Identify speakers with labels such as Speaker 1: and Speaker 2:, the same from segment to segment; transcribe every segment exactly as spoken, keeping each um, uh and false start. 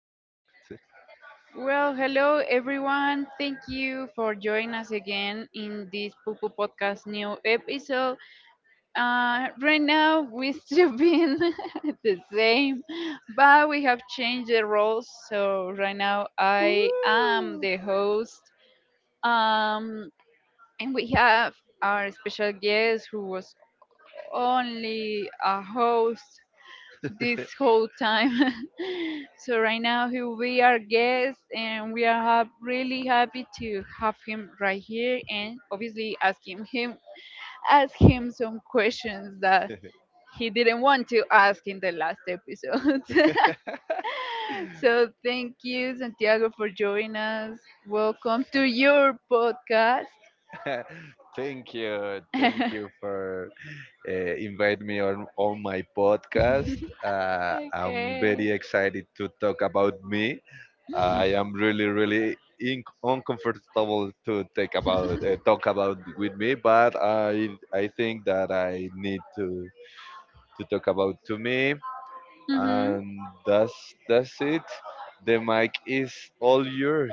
Speaker 1: Sí.
Speaker 2: Well, hello everyone. Thank you for joining us again in this Pupu Podcast new episode. Uh, right now, we still been the same, but we have changed the roles. So right now, I am the host, um, and we have our special guest who was only a host this whole time. So right now he will be our guest, and we are hap- really happy to have him right here, and obviously asking him ask him some questions that he didn't want to ask in the last episode. So thank you, Santiago, for joining us. Welcome to
Speaker 1: Sant-
Speaker 2: your podcast.
Speaker 1: thank you, thank you for uh, invite me on on my podcast. Uh, I'm
Speaker 2: Okay.
Speaker 1: very excited to talk about me. I am really, really in- uncomfortable to take about uh, talk about with me, but I I think that I need to to talk about to me,
Speaker 2: Mm-hmm.
Speaker 1: and that's that's it. The mic is all yours.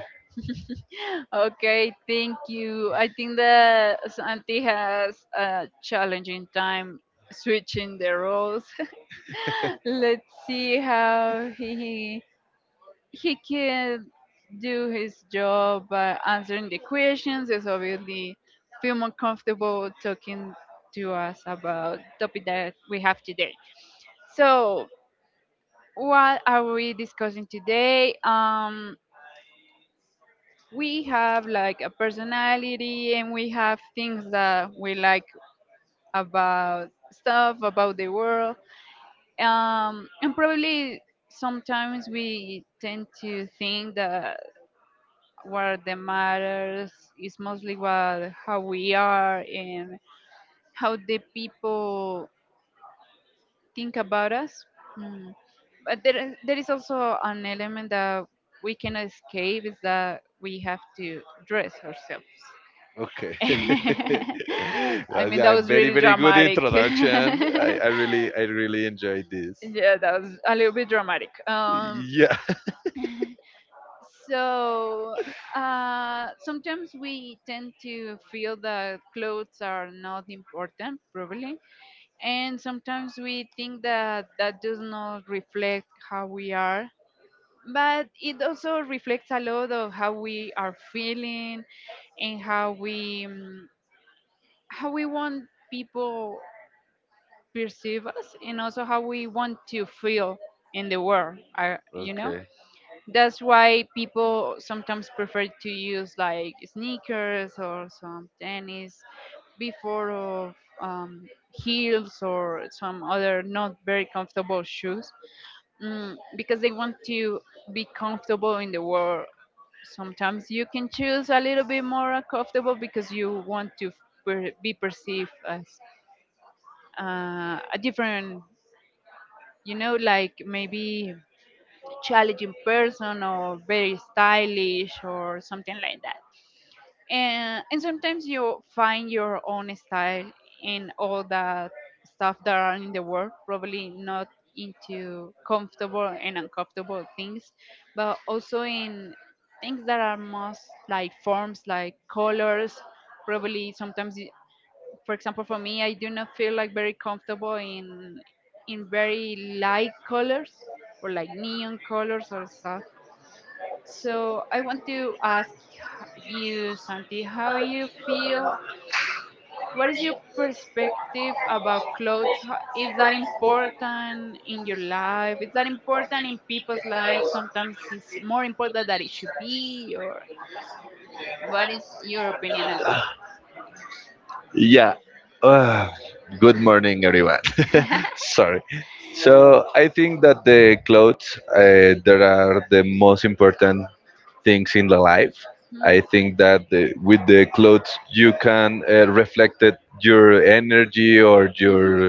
Speaker 2: Okay, thank you. I think that Santi has a challenging time switching the roles. Let's see how he he can do his job by answering the questions. Is obviously feel more comfortable talking to us about topic that we have today. So, what are we discussing today? Um, we have like a personality and we have things that we like about stuff about the world, um, and probably sometimes we tend to think that what the matters is mostly what how we are and how the people think about us Mm. but there is, there is also an element that we cannot escape is that we have to dress ourselves.
Speaker 1: Okay.
Speaker 2: I
Speaker 1: Well,
Speaker 2: mean, that
Speaker 1: yeah,
Speaker 2: was
Speaker 1: very,
Speaker 2: really
Speaker 1: very good
Speaker 2: dramatic.
Speaker 1: introduction.
Speaker 2: Yeah,
Speaker 1: I, I really, I really enjoyed this.
Speaker 2: that was a little bit dramatic. Um,
Speaker 1: Yeah.
Speaker 2: so uh, sometimes we tend to feel that clothes are not important, probably, and sometimes we think that that does not reflect how we are. But it also reflects a lot of how we are feeling and how we um, how we want people perceive us and also how we want to feel in the world I, you know
Speaker 1: Okay.
Speaker 2: That's why people sometimes prefer to use like sneakers or some tennis before of um, heels or some other not very comfortable shoes, mm, because they want to be comfortable in the world. Sometimes you can choose a little bit more comfortable because you want to per- be perceived as uh, a different, you know, like maybe challenging person or very stylish or something like that. And and sometimes you find your own style in all the stuff that are in the world, probably not into comfortable and uncomfortable things, but also in things that are most like forms like colors, probably sometimes. For example, for me, I do not feel like very comfortable in in very light colors or like neon colors or stuff. So I want to ask you, Santi, how you feel. What is your perspective about clothes? Ho- is that important in your life? Is that important in people's lives? Sometimes it's more important that it should be. Or what is your opinion about?
Speaker 1: Yeah. Uh, Good morning, everyone. Sorry. So I think that the clothes uh, there are the most important things in the life. I think that the, with the clothes you can uh, reflect it, your energy or
Speaker 2: Hmm,
Speaker 1: your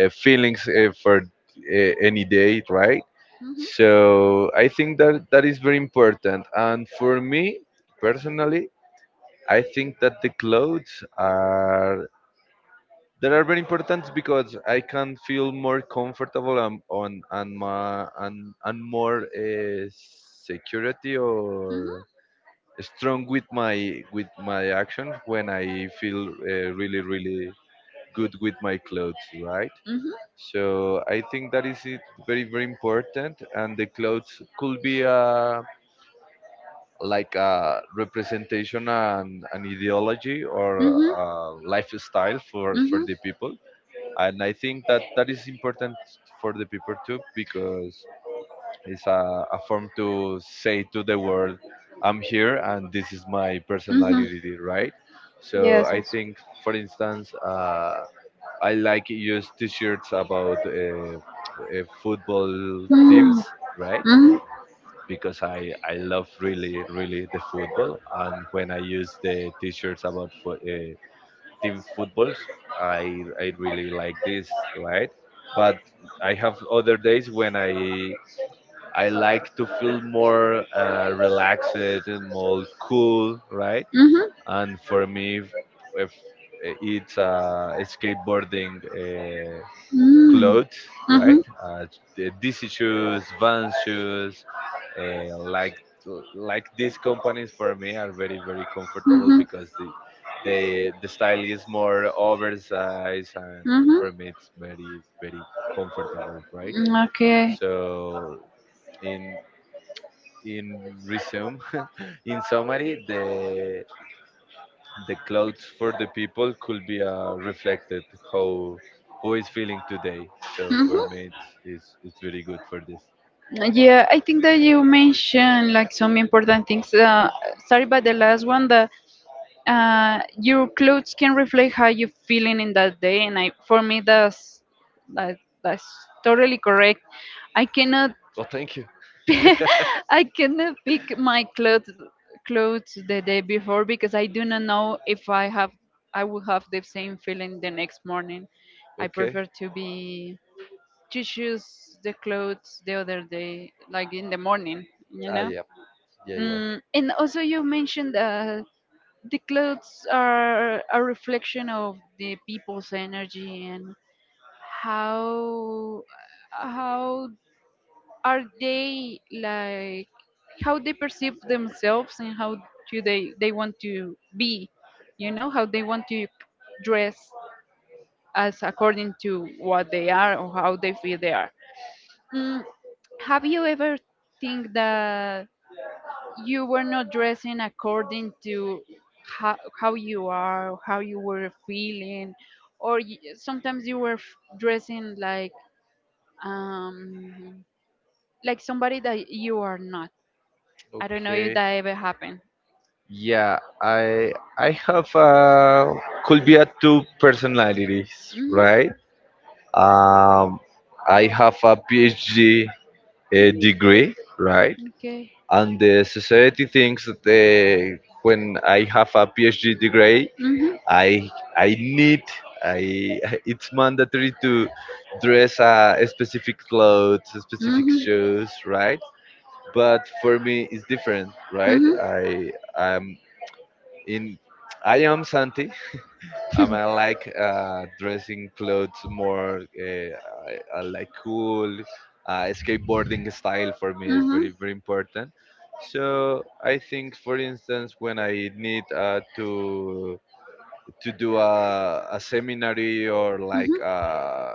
Speaker 1: uh, feelings uh, for uh, any day, right?
Speaker 2: hmm.
Speaker 1: So I think that that is very important. And for me personally, I think that the clothes are that are very important because I can feel more comfortable and on and my and and more uh, security
Speaker 2: Your.
Speaker 1: or strong with my with my actions when I feel uh, really really good with my clothes, right?
Speaker 2: Mm-hmm. Mm-hmm.
Speaker 1: So I think that is it very very important, and the clothes could be a like a representation and an ideology or
Speaker 2: Mm-hmm.
Speaker 1: a lifestyle for for
Speaker 2: Mm-hmm.
Speaker 1: the people. And I think that that is important for the people too, because it's a, a form to say to the world, I'm here, and this is my
Speaker 2: Mm-hmm.
Speaker 1: personality, right? So
Speaker 2: Yes.
Speaker 1: I think, for instance, uh, I like use t-shirts about uh, uh, football teams,
Speaker 2: Mm-hmm.
Speaker 1: right? Because I, I love really, really the football. And when I use the t-shirts about fo- uh, team footballs, I, I really like this, right? But I have other days when I I like to feel more uh, relaxed and more cool, right? And for me, if, if it's uh, skateboarding. Uh, clothes,
Speaker 2: Mm-hmm. Mm-hmm.
Speaker 1: right? Uh, the D C shoes, Van shoes, uh, like like these companies for me are very very comfortable
Speaker 2: Mm-hmm.
Speaker 1: because the the the style is more oversized, and
Speaker 2: Mm-hmm.
Speaker 1: for me it's very very comfortable, right?
Speaker 2: Okay.
Speaker 1: So in in resume, in summary, the the clothes for the people could be uh, reflected how who is feeling today. So
Speaker 2: Mm-hmm.
Speaker 1: for me, it's it's, it's very good for this.
Speaker 2: Yeah, I think that you mentioned like some important things. Uh, sorry, but the last one that uh, your clothes can reflect how you're feeling in that day, and I for me that's that, that's totally correct. I cannot
Speaker 1: Well, thank you.
Speaker 2: I cannot pick my clothes clothes the day before because I do not know if I have I will have the same feeling the next morning. I
Speaker 1: Okay.
Speaker 2: prefer to be to choose the clothes the other day, like in the morning, you
Speaker 1: Ah,
Speaker 2: know.
Speaker 1: yeah, yeah, yeah.
Speaker 2: Mm, and also you mentioned uh, the clothes are a reflection of the people's energy and how how are they, like how they perceive themselves and how do they they want to be, you know how they want to dress as according to what they are or how they feel they are, mm, have you ever think that you were not dressing according to how, how you are or how you were feeling, or y sometimes you were f- dressing like um like somebody that you are not. I don't know if
Speaker 1: Okay.
Speaker 2: that ever happened.
Speaker 1: Yeah, I I have uh could be a two personalities, right?
Speaker 2: Hmm.
Speaker 1: Um, I have a PhD a
Speaker 2: Mm.
Speaker 1: degree, right?
Speaker 2: Okay.
Speaker 1: And the society thinks that uh, when I have a PhD degree,
Speaker 2: Hmm. Hmm.
Speaker 1: I I need I it's mandatory to dress a, a specific clothes, a specific
Speaker 2: Hmm.
Speaker 1: shoes, right? But for me, it's different, right?
Speaker 2: Hmm.
Speaker 1: I am in I am Santi. um, I like uh, dressing clothes more. Uh, I, I like cool. Uh, skateboarding style for me
Speaker 2: Hmm.
Speaker 1: is
Speaker 2: Hmm.
Speaker 1: very very important. So I think, for instance, when I need uh, to to do a, a seminary or like a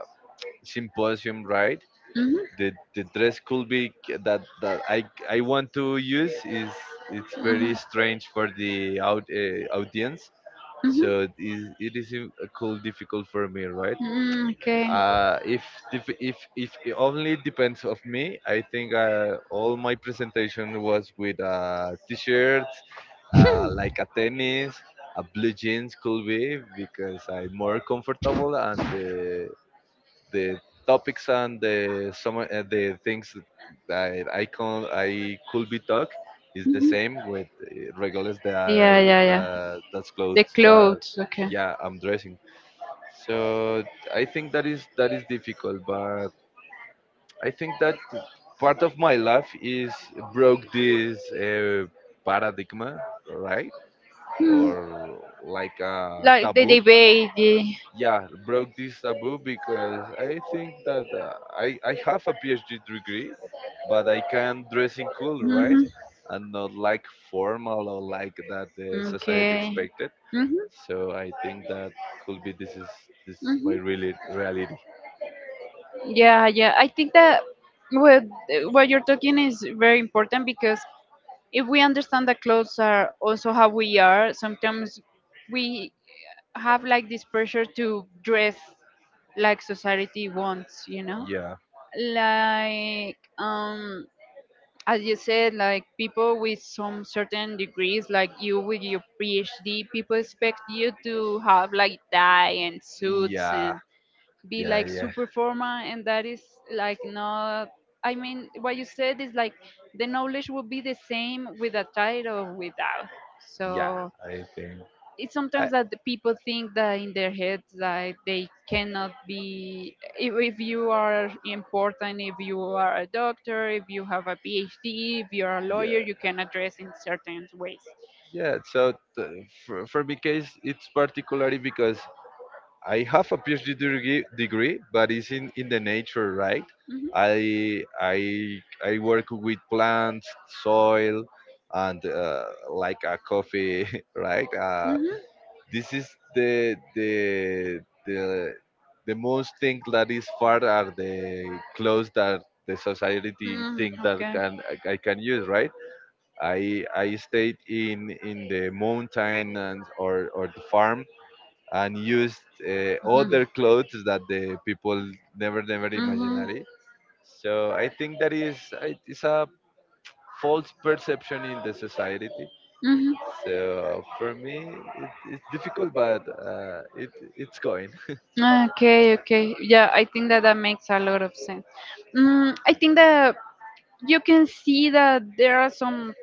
Speaker 1: symposium, right?
Speaker 2: Hmm.
Speaker 1: The, the dress could be k- that that I I want to use is it's
Speaker 2: Hmm.
Speaker 1: very strange for the out, uh, audience. So it is, it is im- uh, cool difficult for me, right?
Speaker 2: Mm, okay.
Speaker 1: uh if dif- if if it only depends of me, I think uh, all my presentation was with a t-shirt, uh, like a tennis, a blue jeans could be because I'm more comfortable, and the the topics and the some uh, the things that I can I could be talk is the
Speaker 2: Mhm.
Speaker 1: same with uh, regardless the
Speaker 2: Yeah, yeah, yeah.
Speaker 1: the that's
Speaker 2: The
Speaker 1: clothes that
Speaker 2: clothes, okay.
Speaker 1: yeah I'm dressing. So I think that is that is difficult, but I think that part of my life is broke this uh, paradigm, right? Or like a
Speaker 2: Like the
Speaker 1: taboo.
Speaker 2: debate.
Speaker 1: Yeah, broke this taboo because I think that uh, i i have a PhD degree, but I can dress in cool, right?
Speaker 2: Hmm.
Speaker 1: And not like formal or like that the society
Speaker 2: Okay.
Speaker 1: expected.
Speaker 2: Mm-hmm,
Speaker 1: So I think that could be this is this is my
Speaker 2: mm-hmm.
Speaker 1: really reality.
Speaker 2: Yeah, yeah. I think that what what you're talking is very important because if we understand that clothes are also how we are, sometimes we have like this pressure to dress like society wants, you know?
Speaker 1: Yeah,
Speaker 2: Like um as you said, like people with some certain degrees, like you with your PhD, people expect you to have like tie and suits
Speaker 1: yeah,
Speaker 2: and be
Speaker 1: yeah,
Speaker 2: like
Speaker 1: yeah,
Speaker 2: super formal, and that is like not. I mean, what you said is like the knowledge will be the same with a tie or without.
Speaker 1: yeah.
Speaker 2: So
Speaker 1: I think
Speaker 2: it's
Speaker 1: I
Speaker 2: sometimes that the people think that in their heads that they cannot be, if, if you are important, if you are a doctor, if you have a PhD, if you're a
Speaker 1: Yeah.
Speaker 2: lawyer, you can address in certain ways.
Speaker 1: Yeah. So t- for, for my case, it's particularly because I have a PhD degree, degree, but it's in, in the nature, right?
Speaker 2: Hmm.
Speaker 1: I I I work with plants, soil, and uh, like a coffee, right? Uh,
Speaker 2: Hmm.
Speaker 1: this is the the the the most thing that is far are the clothes that the society
Speaker 2: Mm,
Speaker 1: think that
Speaker 2: okay.
Speaker 1: can I can use, right? I I stayed in in the mountain and or or the farm and used uh, other clothes that the people never never
Speaker 2: Mhm.
Speaker 1: imaginary. So I think that is it is a false perception in the society.
Speaker 2: Mhm.
Speaker 1: So for me, it, it's difficult, but uh, it it's going.
Speaker 2: Ah, okay, okay. Yeah, I think that that makes a lot of sense. Mm, I think that you can see that there are some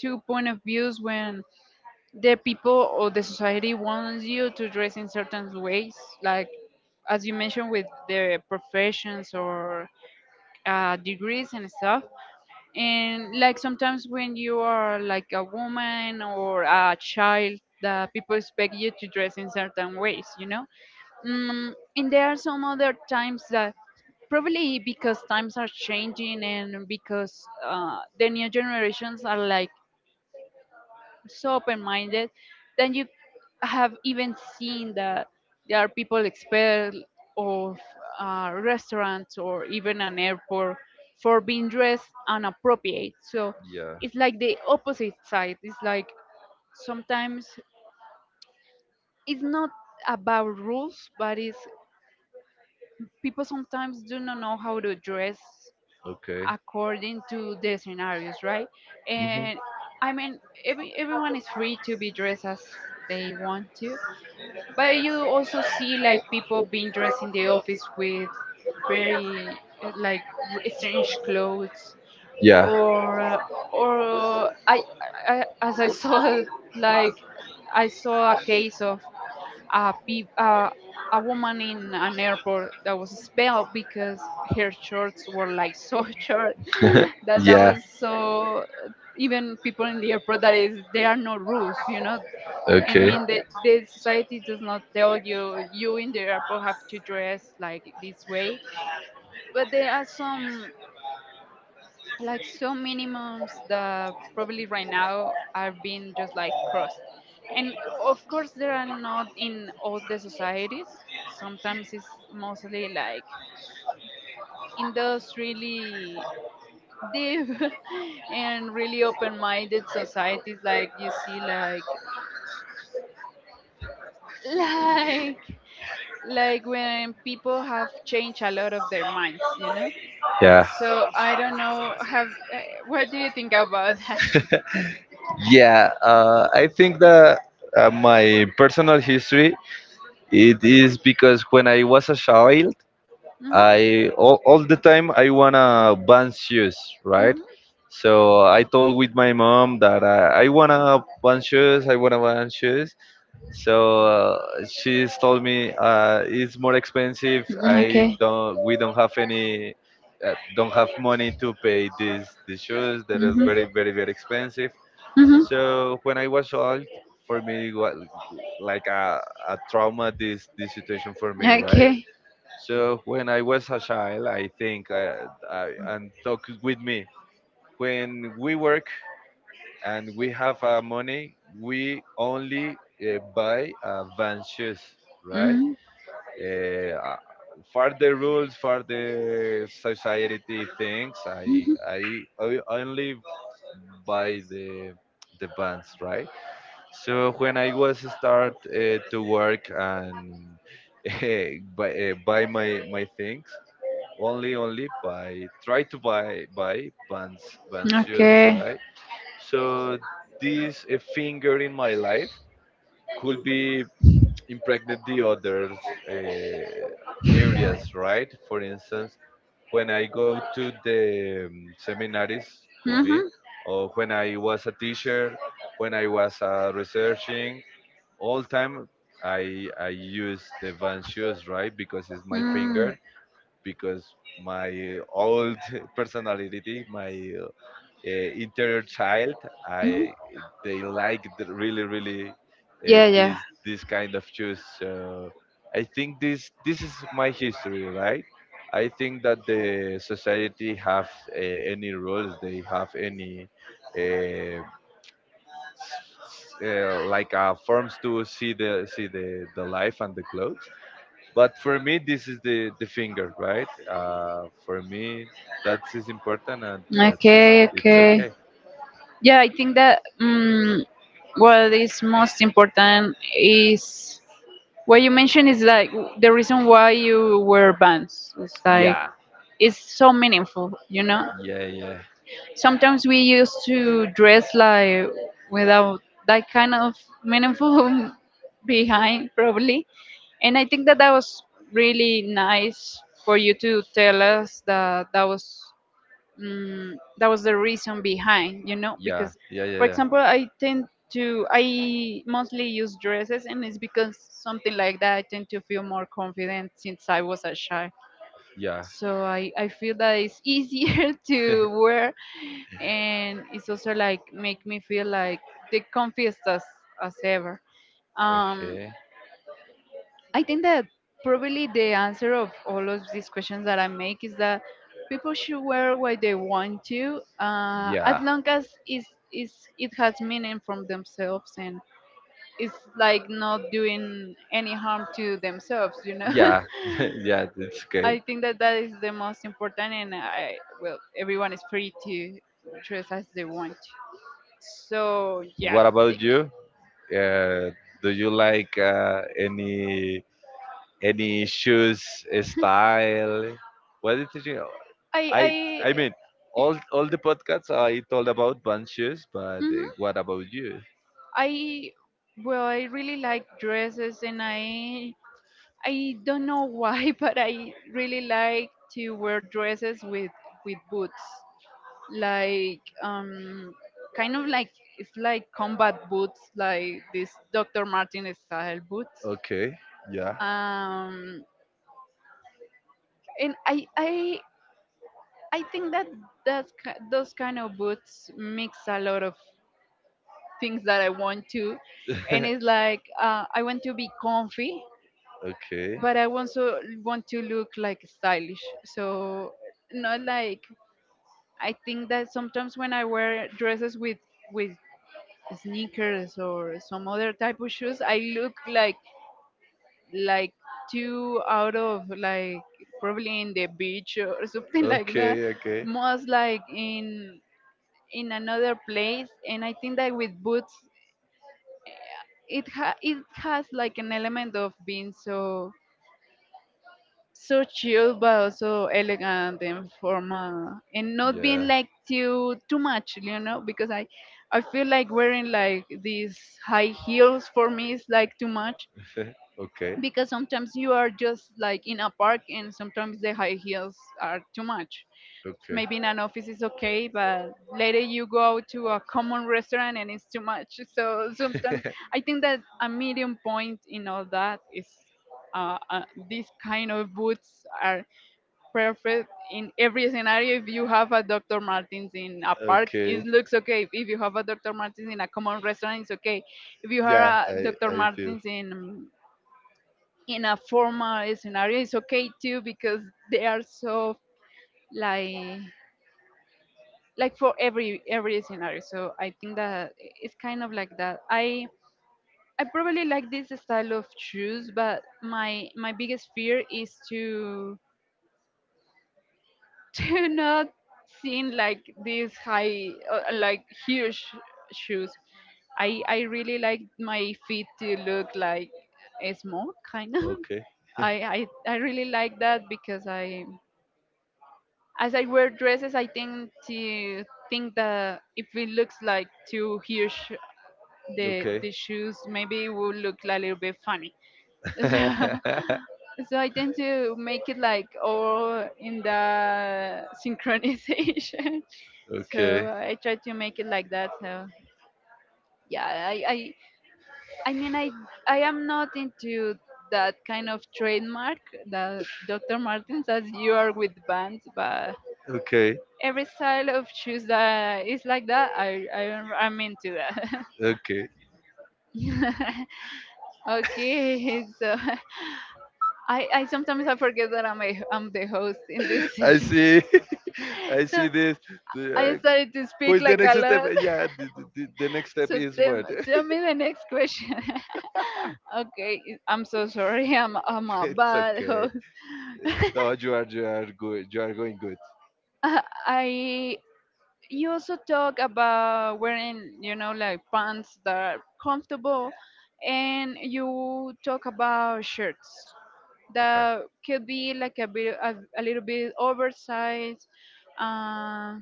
Speaker 2: two point of views when
Speaker 1: And let's make sure that we respect the presence of the British. The new
Speaker 2: the people
Speaker 1: generation is
Speaker 2: or the society wants you to dress in certain ways, like as you mentioned with the professions or uh, degrees and
Speaker 1: coming.
Speaker 2: stuff. And like sometimes when you are like a woman or a child, that people expect you to dress in certain ways, you know Mm, and there are some other times that probably because times are changing and because uh, the new generations are like so open-minded, then
Speaker 1: They
Speaker 2: you
Speaker 1: can't even
Speaker 2: have even
Speaker 1: have
Speaker 2: seen that
Speaker 1: even.
Speaker 2: there are people expelled of uh, restaurants or even an airport for being dressed inappropriate. So
Speaker 1: Yeah.
Speaker 2: it's like the opposite side. It's like sometimes it's not about rules, but it's people sometimes do not know how to dress
Speaker 1: Okay.
Speaker 2: according to the scenarios, right?
Speaker 1: Mhm.
Speaker 2: And I mean, every everyone is free to be dressed as they want to, but you also see like people being dressed in the office with very uh, like r- strange clothes,
Speaker 1: Yeah.
Speaker 2: or or I, I as I saw like I saw a case of a, peop uh, a woman in an airport that was expelled because her shorts were like so short, that that
Speaker 1: Yeah.
Speaker 2: was so, even people in the airport. That is, there are no rules, you know. I
Speaker 1: Okay.
Speaker 2: mean, the, the society does not tell you you in the airport have to dress like this way, but there are some like so minimums that probably right now are being just like crossed. And of course there are not in all the societies. Sometimes it's mostly like in those really deep and really open-minded societies, like you see like like like when people have changed a lot of their minds, you know
Speaker 1: Yeah.
Speaker 2: so I don't know, have uh, what do you think about that?
Speaker 1: Yeah, uh, I think that uh, my personal history it is because when I was a child,
Speaker 2: Mhm.
Speaker 1: I all, all the time I wanna ban shoes, right?
Speaker 2: Mm-hmm.
Speaker 1: So I told with my mom that I, I wanna ban shoes, I wanna ban shoes. So uh, she's told me uh, it's more expensive.
Speaker 2: Mm-hmm,
Speaker 1: I
Speaker 2: okay.
Speaker 1: don't, we don't have any, uh, don't have money to pay these the shoes that are
Speaker 2: Mm-hmm.
Speaker 1: very very very expensive. So when I was old, for me, was like a, a trauma this this situation for me,
Speaker 2: Mm-hmm.
Speaker 1: right?
Speaker 2: Okay.
Speaker 1: So when I was a child, I think uh, I, and talk with me. When we work and we have uh, money, we only uh, buy uh, van shoes, right?
Speaker 2: Mm-hmm.
Speaker 1: Uh, uh, for the rules, for the society things, I I, I only buy the the bands, right? So when I was start uh, to work and uh, buy, uh, buy my my things, only only buy try to buy buy Vans Vans shoes,
Speaker 2: Okay.
Speaker 1: right. So this a finger in my life could be impregnate the others uh, areas, right. For instance, when I go to the um, seminaries could be,
Speaker 2: Mm-hmm.
Speaker 1: or when I was a teacher, when I was uh, researching all time I I use the Vans shoes, right? Because it's my finger, because my old personality, my uh, interior child,
Speaker 2: Mm-hmm.
Speaker 1: I they like the really really uh,
Speaker 2: Yeah, yeah.
Speaker 1: this this kind of shoes. So I think this this is my history, right? I think that the society have uh, any rules, they have any. Uh, uh, like uh, forms to see the see the the life and the clothes. But for me, this is the the finger, right? Uh, for me, that is important, and that is
Speaker 2: Okay,
Speaker 1: it's
Speaker 2: okay.
Speaker 1: okay.
Speaker 2: Yeah, I think that um, what is most important is what you mentioned is like w- the reason why you wear bands. It's like
Speaker 1: Yeah,
Speaker 2: it's so meaningful. You know
Speaker 1: yeah, yeah,
Speaker 2: sometimes we used to dress like without that kind of meaningful behind, probably. And I think that that was really nice for you to tell us that that was mm, that was the reason behind, you know
Speaker 1: yeah,
Speaker 2: because
Speaker 1: yeah, yeah,
Speaker 2: for
Speaker 1: yeah,
Speaker 2: example I tend to I mostly use dresses, and it's because something like that I tend to feel more confident since I was a child.
Speaker 1: yeah.
Speaker 2: So i, I feel that it's easier to wear, and it's also like make me feel like the comfiest as, as ever. um
Speaker 1: Okay,
Speaker 2: I think that probably the answer of all of these questions that I make is that people should wear what they want to, uh, as
Speaker 1: yeah,
Speaker 2: long as it's, it's, it has meaning from themselves and it's like not doing any harm to themselves, you know.
Speaker 1: yeah, yeah. It's okay.
Speaker 2: I think that that is the most important, and I well, everyone is free to dress as they want. So, yeah,
Speaker 1: What about
Speaker 2: think
Speaker 1: you? Uh, do you like uh, any any shoes uh, style? What did you?
Speaker 2: I
Speaker 1: I I
Speaker 2: I.
Speaker 1: mean, all all the podcasts I told about bunches, but uh,
Speaker 2: mhm.
Speaker 1: what about you?
Speaker 2: I Well, I really like dresses, and I I don't know why, but I really like to wear dresses with with boots, like um, kind of like, it's like combat boots, like this doctor Martin style boots.
Speaker 1: Okay, yeah.
Speaker 2: Um, and I I I think that that's, ki- those kind of boots mix a lot of things that I want to, and it's like uh, I want to be comfy,
Speaker 1: Okay.
Speaker 2: but I also want to look like stylish. So not like, I think that sometimes when I wear dresses with with sneakers or some other type of shoes, I look like like too out of like probably in the beach or something like that.
Speaker 1: Okay, okay.
Speaker 2: Most like in in another place, and I think that with boots, it ha- it has like an element of being so so chill but also elegant and formal and not being
Speaker 1: Yeah.
Speaker 2: like too too much, you know because i i feel like wearing like these high heels for me is like too much
Speaker 1: Eh, okay,
Speaker 2: because sometimes you are just like in a park and sometimes the high heels are too much.
Speaker 1: okay.
Speaker 2: Maybe in an office is okay, but later you go to a common restaurant and it's too much. So sometimes I think that a medium point in all that is uh, uh, these kind of boots are perfect in every scenario. If you have a Dr. Martens in a park,
Speaker 1: Okay.
Speaker 2: it looks okay. If you have a Dr. Martens in a common restaurant, it's okay. If you have
Speaker 1: Yeah,
Speaker 2: a
Speaker 1: I
Speaker 2: Dr.
Speaker 1: I feel
Speaker 2: Martens in in a formal scenario, it's okay too, because they are so, like, like for every every scenario. So I think that it's kind of like that. I i probably like this style of shoes, but my my biggest fear is to to not seeing like these high uh, like huge shoes. I i really like my feet to look like small kind of.
Speaker 1: okay.
Speaker 2: I, I I really like that because I, as I wear dresses, I tend to think that if it looks like too huge, the
Speaker 1: Okay.
Speaker 2: the shoes, maybe it will look a little bit funny. So, so I tend to make it like all in the synchronization. So
Speaker 1: Okay.
Speaker 2: I try to make it like that. So yeah, I I, I mean I I am not into that kind of trademark, that Doctor Martens, as you are with bands, but
Speaker 1: Okay.
Speaker 2: every style of shoes that is like that, I, I am- I'm into that.
Speaker 1: Okay.
Speaker 2: Okay, so I, I sometimes I forget that I'm a, I'm the host in this
Speaker 1: I
Speaker 2: session.
Speaker 1: see, I see
Speaker 2: So
Speaker 1: this. The,
Speaker 2: I
Speaker 1: uh,
Speaker 2: started to
Speaker 1: Who
Speaker 2: speak
Speaker 1: is the
Speaker 2: like a
Speaker 1: next step?
Speaker 2: lot.
Speaker 1: Yeah, the, the, the the next step
Speaker 2: So
Speaker 1: is
Speaker 2: tell,
Speaker 1: what?
Speaker 2: tell me the next question. Okay, I'm so sorry. I'm I'm a
Speaker 1: It's
Speaker 2: bad
Speaker 1: okay.
Speaker 2: host.
Speaker 1: No, you are you are good. You are going good.
Speaker 2: I, you also talk about wearing, you know, like pants that are comfortable, and you talk about shirts
Speaker 1: Okay.
Speaker 2: that could be like a bit a, a little bit oversized. uh,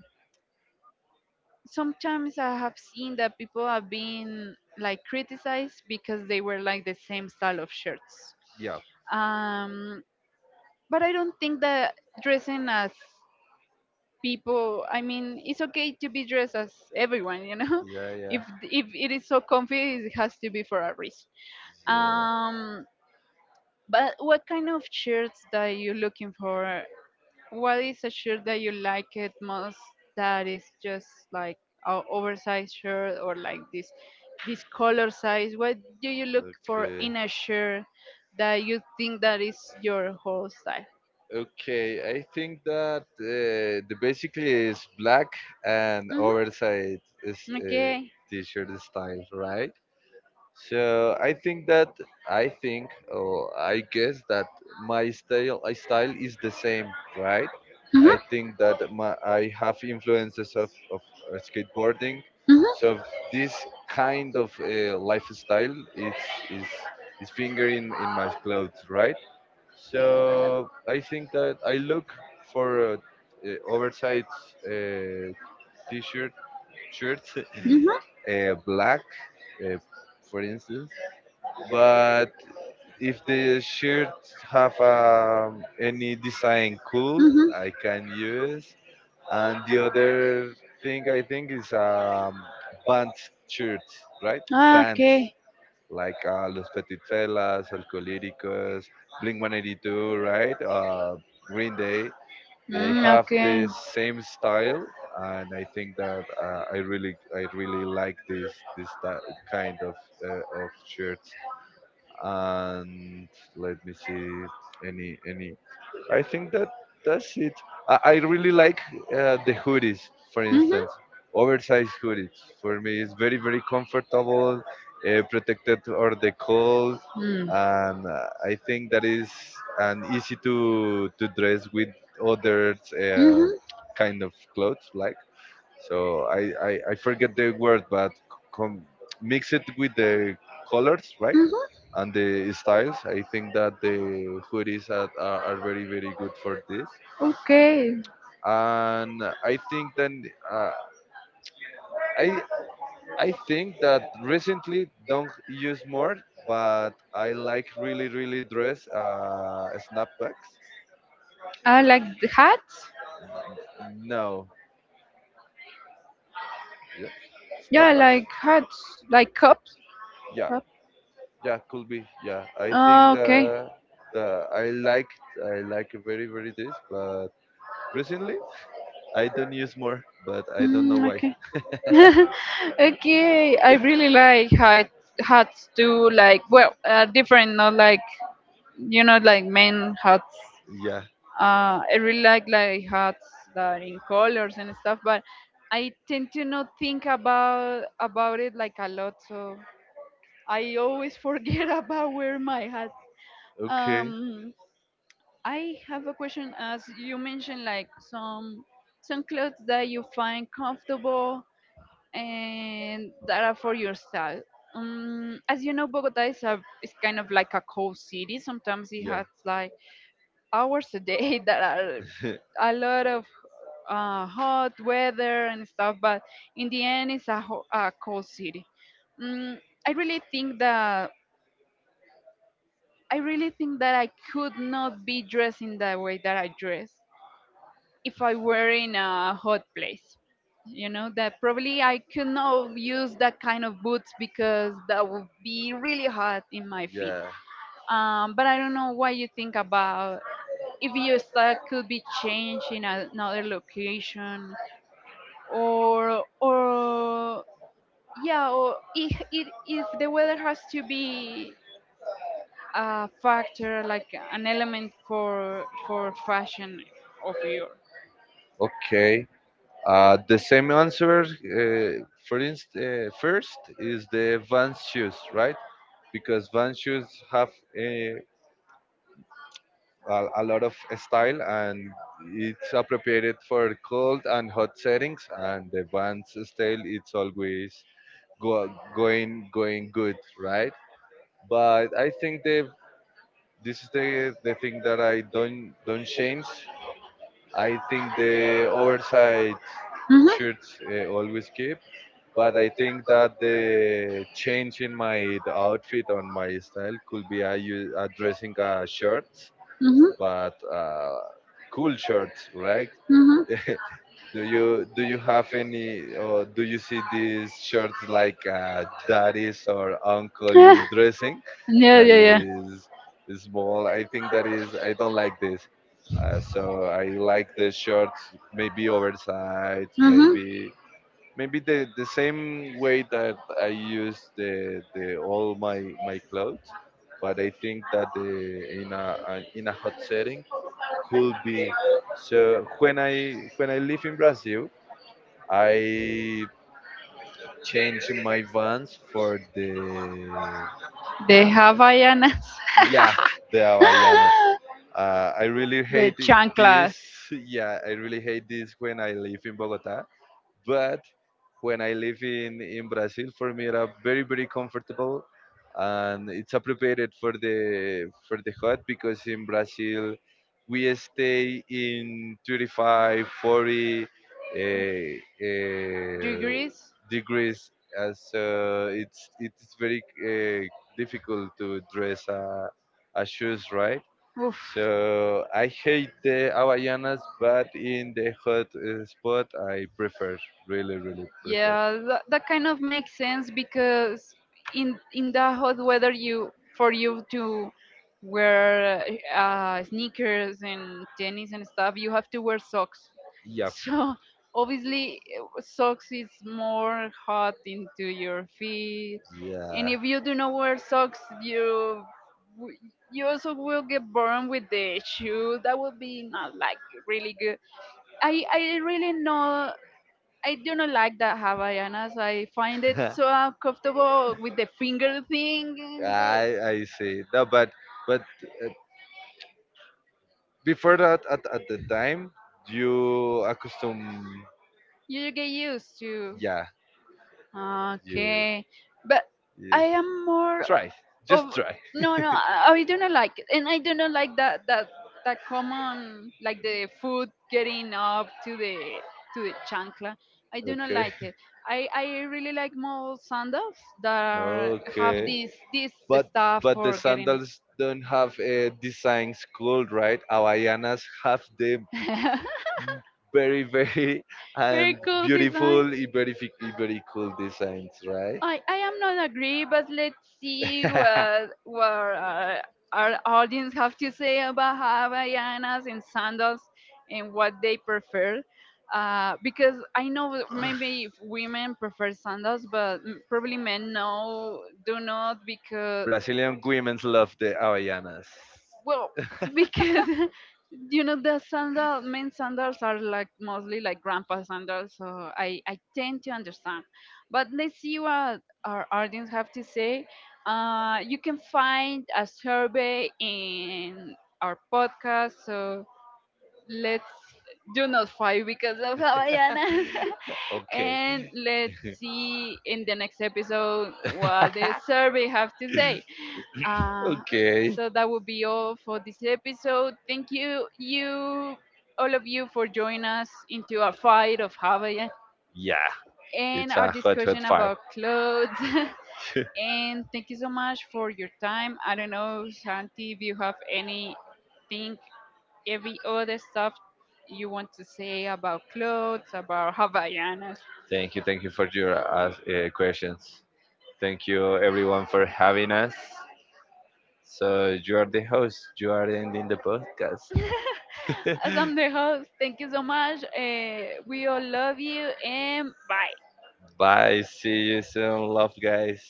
Speaker 2: Sometimes I have seen that people have been like criticized because they were like the same style of shirts.
Speaker 1: Yeah.
Speaker 2: um, but I don't think that dressing as people, I mean, it's okay to be dressed as everyone, you know.
Speaker 1: Yeah.
Speaker 2: if
Speaker 1: Yeah.
Speaker 2: if it is so comfy, it has to be for a reason.
Speaker 1: Yeah.
Speaker 2: um but what kind of shirts that you looking for? What is a shirt that you like it most? That is just like a oversized shirt or like this this color size? What do you look for
Speaker 1: Okay.
Speaker 2: in a shirt that you think that is your whole style?
Speaker 1: Okay. I think that uh, the basically is black and
Speaker 2: Hmm.
Speaker 1: oversized is uh,
Speaker 2: Okay.
Speaker 1: t-shirt style, right? So I think that I think or I guess that my style I style is the same, right?
Speaker 2: Hmm
Speaker 1: I think that
Speaker 2: hmm.
Speaker 1: my, I have influences of, of uh, skateboarding,
Speaker 2: Hmm hmm.
Speaker 1: so this kind of uh, lifestyle is is is fingering in my clothes, right? So I think that I look for uh, oversized uh, t-shirt shirts, uh, black, uh, for instance. But if the shirt have um, any design cool, I can use. And the other thing I think is um, band shirts, right?
Speaker 2: Ah,
Speaker 1: Bands
Speaker 2: okay.
Speaker 1: like uh, Los Petit Fellas, Alcolíricos, Blink one eighty-two, right? Uh, Green Day. They
Speaker 2: Mm,
Speaker 1: have
Speaker 2: okay.
Speaker 1: the same style, and I think that uh, I really, I really like this this ti- kind of uh, of shirts. And let me see, any any I think that that's it. I, I really like uh, the hoodies, for
Speaker 2: Hmm.
Speaker 1: instance. Oversized hoodies for me it's very very comfortable, uh, protected or the cold.
Speaker 2: Mm.
Speaker 1: And uh, I think that is and easy to to dress with other uh,
Speaker 2: Mm-hmm.
Speaker 1: kind of clothes, like. So I, I, I forget the word, but com- mix it with the colors, right?
Speaker 2: Mm-hmm.
Speaker 1: And the styles. I think that the hoodies are, are, are very, very good for this.
Speaker 2: Okay.
Speaker 1: And I think then uh, I I think that recently don't use more, but I like really, really dress uh, snapbacks.
Speaker 2: I like the hats.
Speaker 1: No, yeah,
Speaker 2: Yeah, I like
Speaker 1: snapbacks.
Speaker 2: hats. Like cups.
Speaker 1: Yeah.
Speaker 2: Cup.
Speaker 1: Yeah, could be. Yeah, I think
Speaker 2: Ah, okay.
Speaker 1: that the I like I like very very this, but recently I don't use more, but I don't know
Speaker 2: Mm,
Speaker 1: why.
Speaker 2: okay. Okay. I really like hat, hats too. Like, well, uh, different, not like, you know, like men hats.
Speaker 1: Yeah.
Speaker 2: uh, I really like like hats that in colors and stuff, but I tend to not think about about it like a lot, so I always forget about wear my hats.
Speaker 1: Okay.
Speaker 2: Um, I have a question. As you mentioned, like some some clothes that you find comfortable and that are for your style. Um, as you know, Bogota is a is kind of like a cold city. Sometimes it
Speaker 1: Yeah.
Speaker 2: has like hours a day that are a lot of uh, hot weather and stuff, but in the end, it's a, ho- a cold city. Mm, I really think that I really think that I could not be dressed in the way that I dress if I were in a hot place. You know that probably I could not use that kind of boots, because that would be really hot in my feet.
Speaker 1: Yeah.
Speaker 2: Um, but I don't know what you think about if your Yosta could be changed in another location, or or yeah, or if it, if the weather has to be a factor, like an element for for fashion of your.
Speaker 1: Okay. Uh, the same answer. Uh, for inst, uh, first is the Vans shoes, right? Because Vans shoes have uh, a, a lot of style, and it's appropriated for cold and hot settings. And the band's style it's always go, going going good, right? But I think the this is the the thing that I don't don't change. I think the oversight
Speaker 2: Hmm
Speaker 1: shirts uh, always keep, but I think that the change in my the outfit on my style could be I use addressing a shirt,
Speaker 2: hmm
Speaker 1: but uh, cool shirts, right?
Speaker 2: hmm.
Speaker 1: Do you do you have any, or do you see these shirts like uh, daddy's or uncle dressing
Speaker 2: Yeah
Speaker 1: that
Speaker 2: yeah yeah.
Speaker 1: is small? I think that is I don't like this. Uh, so I like the shirts maybe oversized,
Speaker 2: Hmm.
Speaker 1: maybe maybe the, the same way that I use the the all my my clothes. But I think that the in a, a in a hot setting could be. So when I when I live in Brazil, I change my vans for the,
Speaker 2: The Havaianas.
Speaker 1: yeah, the havaianas. Uh, I really
Speaker 2: The
Speaker 1: hate it, this.
Speaker 2: chanclas.
Speaker 1: Yeah, I really hate this when I live in Bogota. But when I live in in Brazil, for me it's very very comfortable, and it's appropriate for the for the hot, because in Brazil we stay in thirty-five forty uh,
Speaker 2: Do
Speaker 1: uh,
Speaker 2: you.
Speaker 1: degrees, as uh, it's it's very uh, difficult to dress a, a shoes, right?
Speaker 2: Oof.
Speaker 1: So I hate the hawaiianas, but in the hot uh, spot I prefer really really prefer.
Speaker 2: Yeah, that, that kind of makes sense because in in the hot weather, you, for you to wear uh, sneakers and tennis and stuff, you have to wear socks.
Speaker 1: Yeah,
Speaker 2: So obviously, uh, socks is more hot into your feet, and
Speaker 1: yeah.
Speaker 2: if you do not wear socks, you w- you also will get burned with the shoe. That would be not like really good. I I really know, I do not like the Havaianas. I find it so uncomfortable with the finger thing, and the,
Speaker 1: I I see. No, but but uh, before that, at, at the time, you accustom,
Speaker 2: you get used to.
Speaker 1: yeah, you,
Speaker 2: Okay, but I
Speaker 1: you
Speaker 2: am more
Speaker 1: try
Speaker 2: of,
Speaker 1: just try.
Speaker 2: no, no. I I do not like it, and I do not like that that that common, like the foot getting up to the to the chancla. I do not
Speaker 1: Okay.
Speaker 2: like it. I I really like more sandals that are, have
Speaker 1: Okay,
Speaker 2: this this
Speaker 1: but
Speaker 2: stuff
Speaker 1: but the
Speaker 2: for getting.
Speaker 1: sandals don't have a design school, right? Hawaiianas have the very very
Speaker 2: Very
Speaker 1: and
Speaker 2: cool
Speaker 1: beautiful
Speaker 2: designs.
Speaker 1: and very fi- and very cool designs, right?
Speaker 2: I, I am not agree, but let's see what what uh, our audience have to say about Havaianas and sandals, and what they prefer. Uh, because I know that maybe if women prefer sandals, but m- probably men no do not, because,
Speaker 1: Brazilian women love the hawaiianas.
Speaker 2: well, because you know the sandal, men's sandals are like mostly like grandpa sandals, so I I tend to understand. But let's see what our audience have to say. Uh, you can find a survey in our podcast, so let's do not fight because of Havaianas.
Speaker 1: Okay.
Speaker 2: And let's see in the next episode what the survey have to say. Uh,
Speaker 1: Okay.
Speaker 2: so that will be all for this episode. Thank you, you, all of you, for joining us into our fight of Havaianas
Speaker 1: Yeah,
Speaker 2: and
Speaker 1: it's
Speaker 2: our
Speaker 1: a hot, hot
Speaker 2: discussion
Speaker 1: fire.
Speaker 2: about clothes. And thank you so much for your time. I don't know, Santi, if you have anything, every other stuff you want to say about clothes, about Havaianas.
Speaker 1: Thank you. Thank you for your uh, uh, questions. Thank you, everyone, for having us. So you are the host. You are ending the podcast.
Speaker 2: As I'm the host, thank you so much. Uh, we all love you, and bye.
Speaker 1: Bye. See you soon. Love, guys.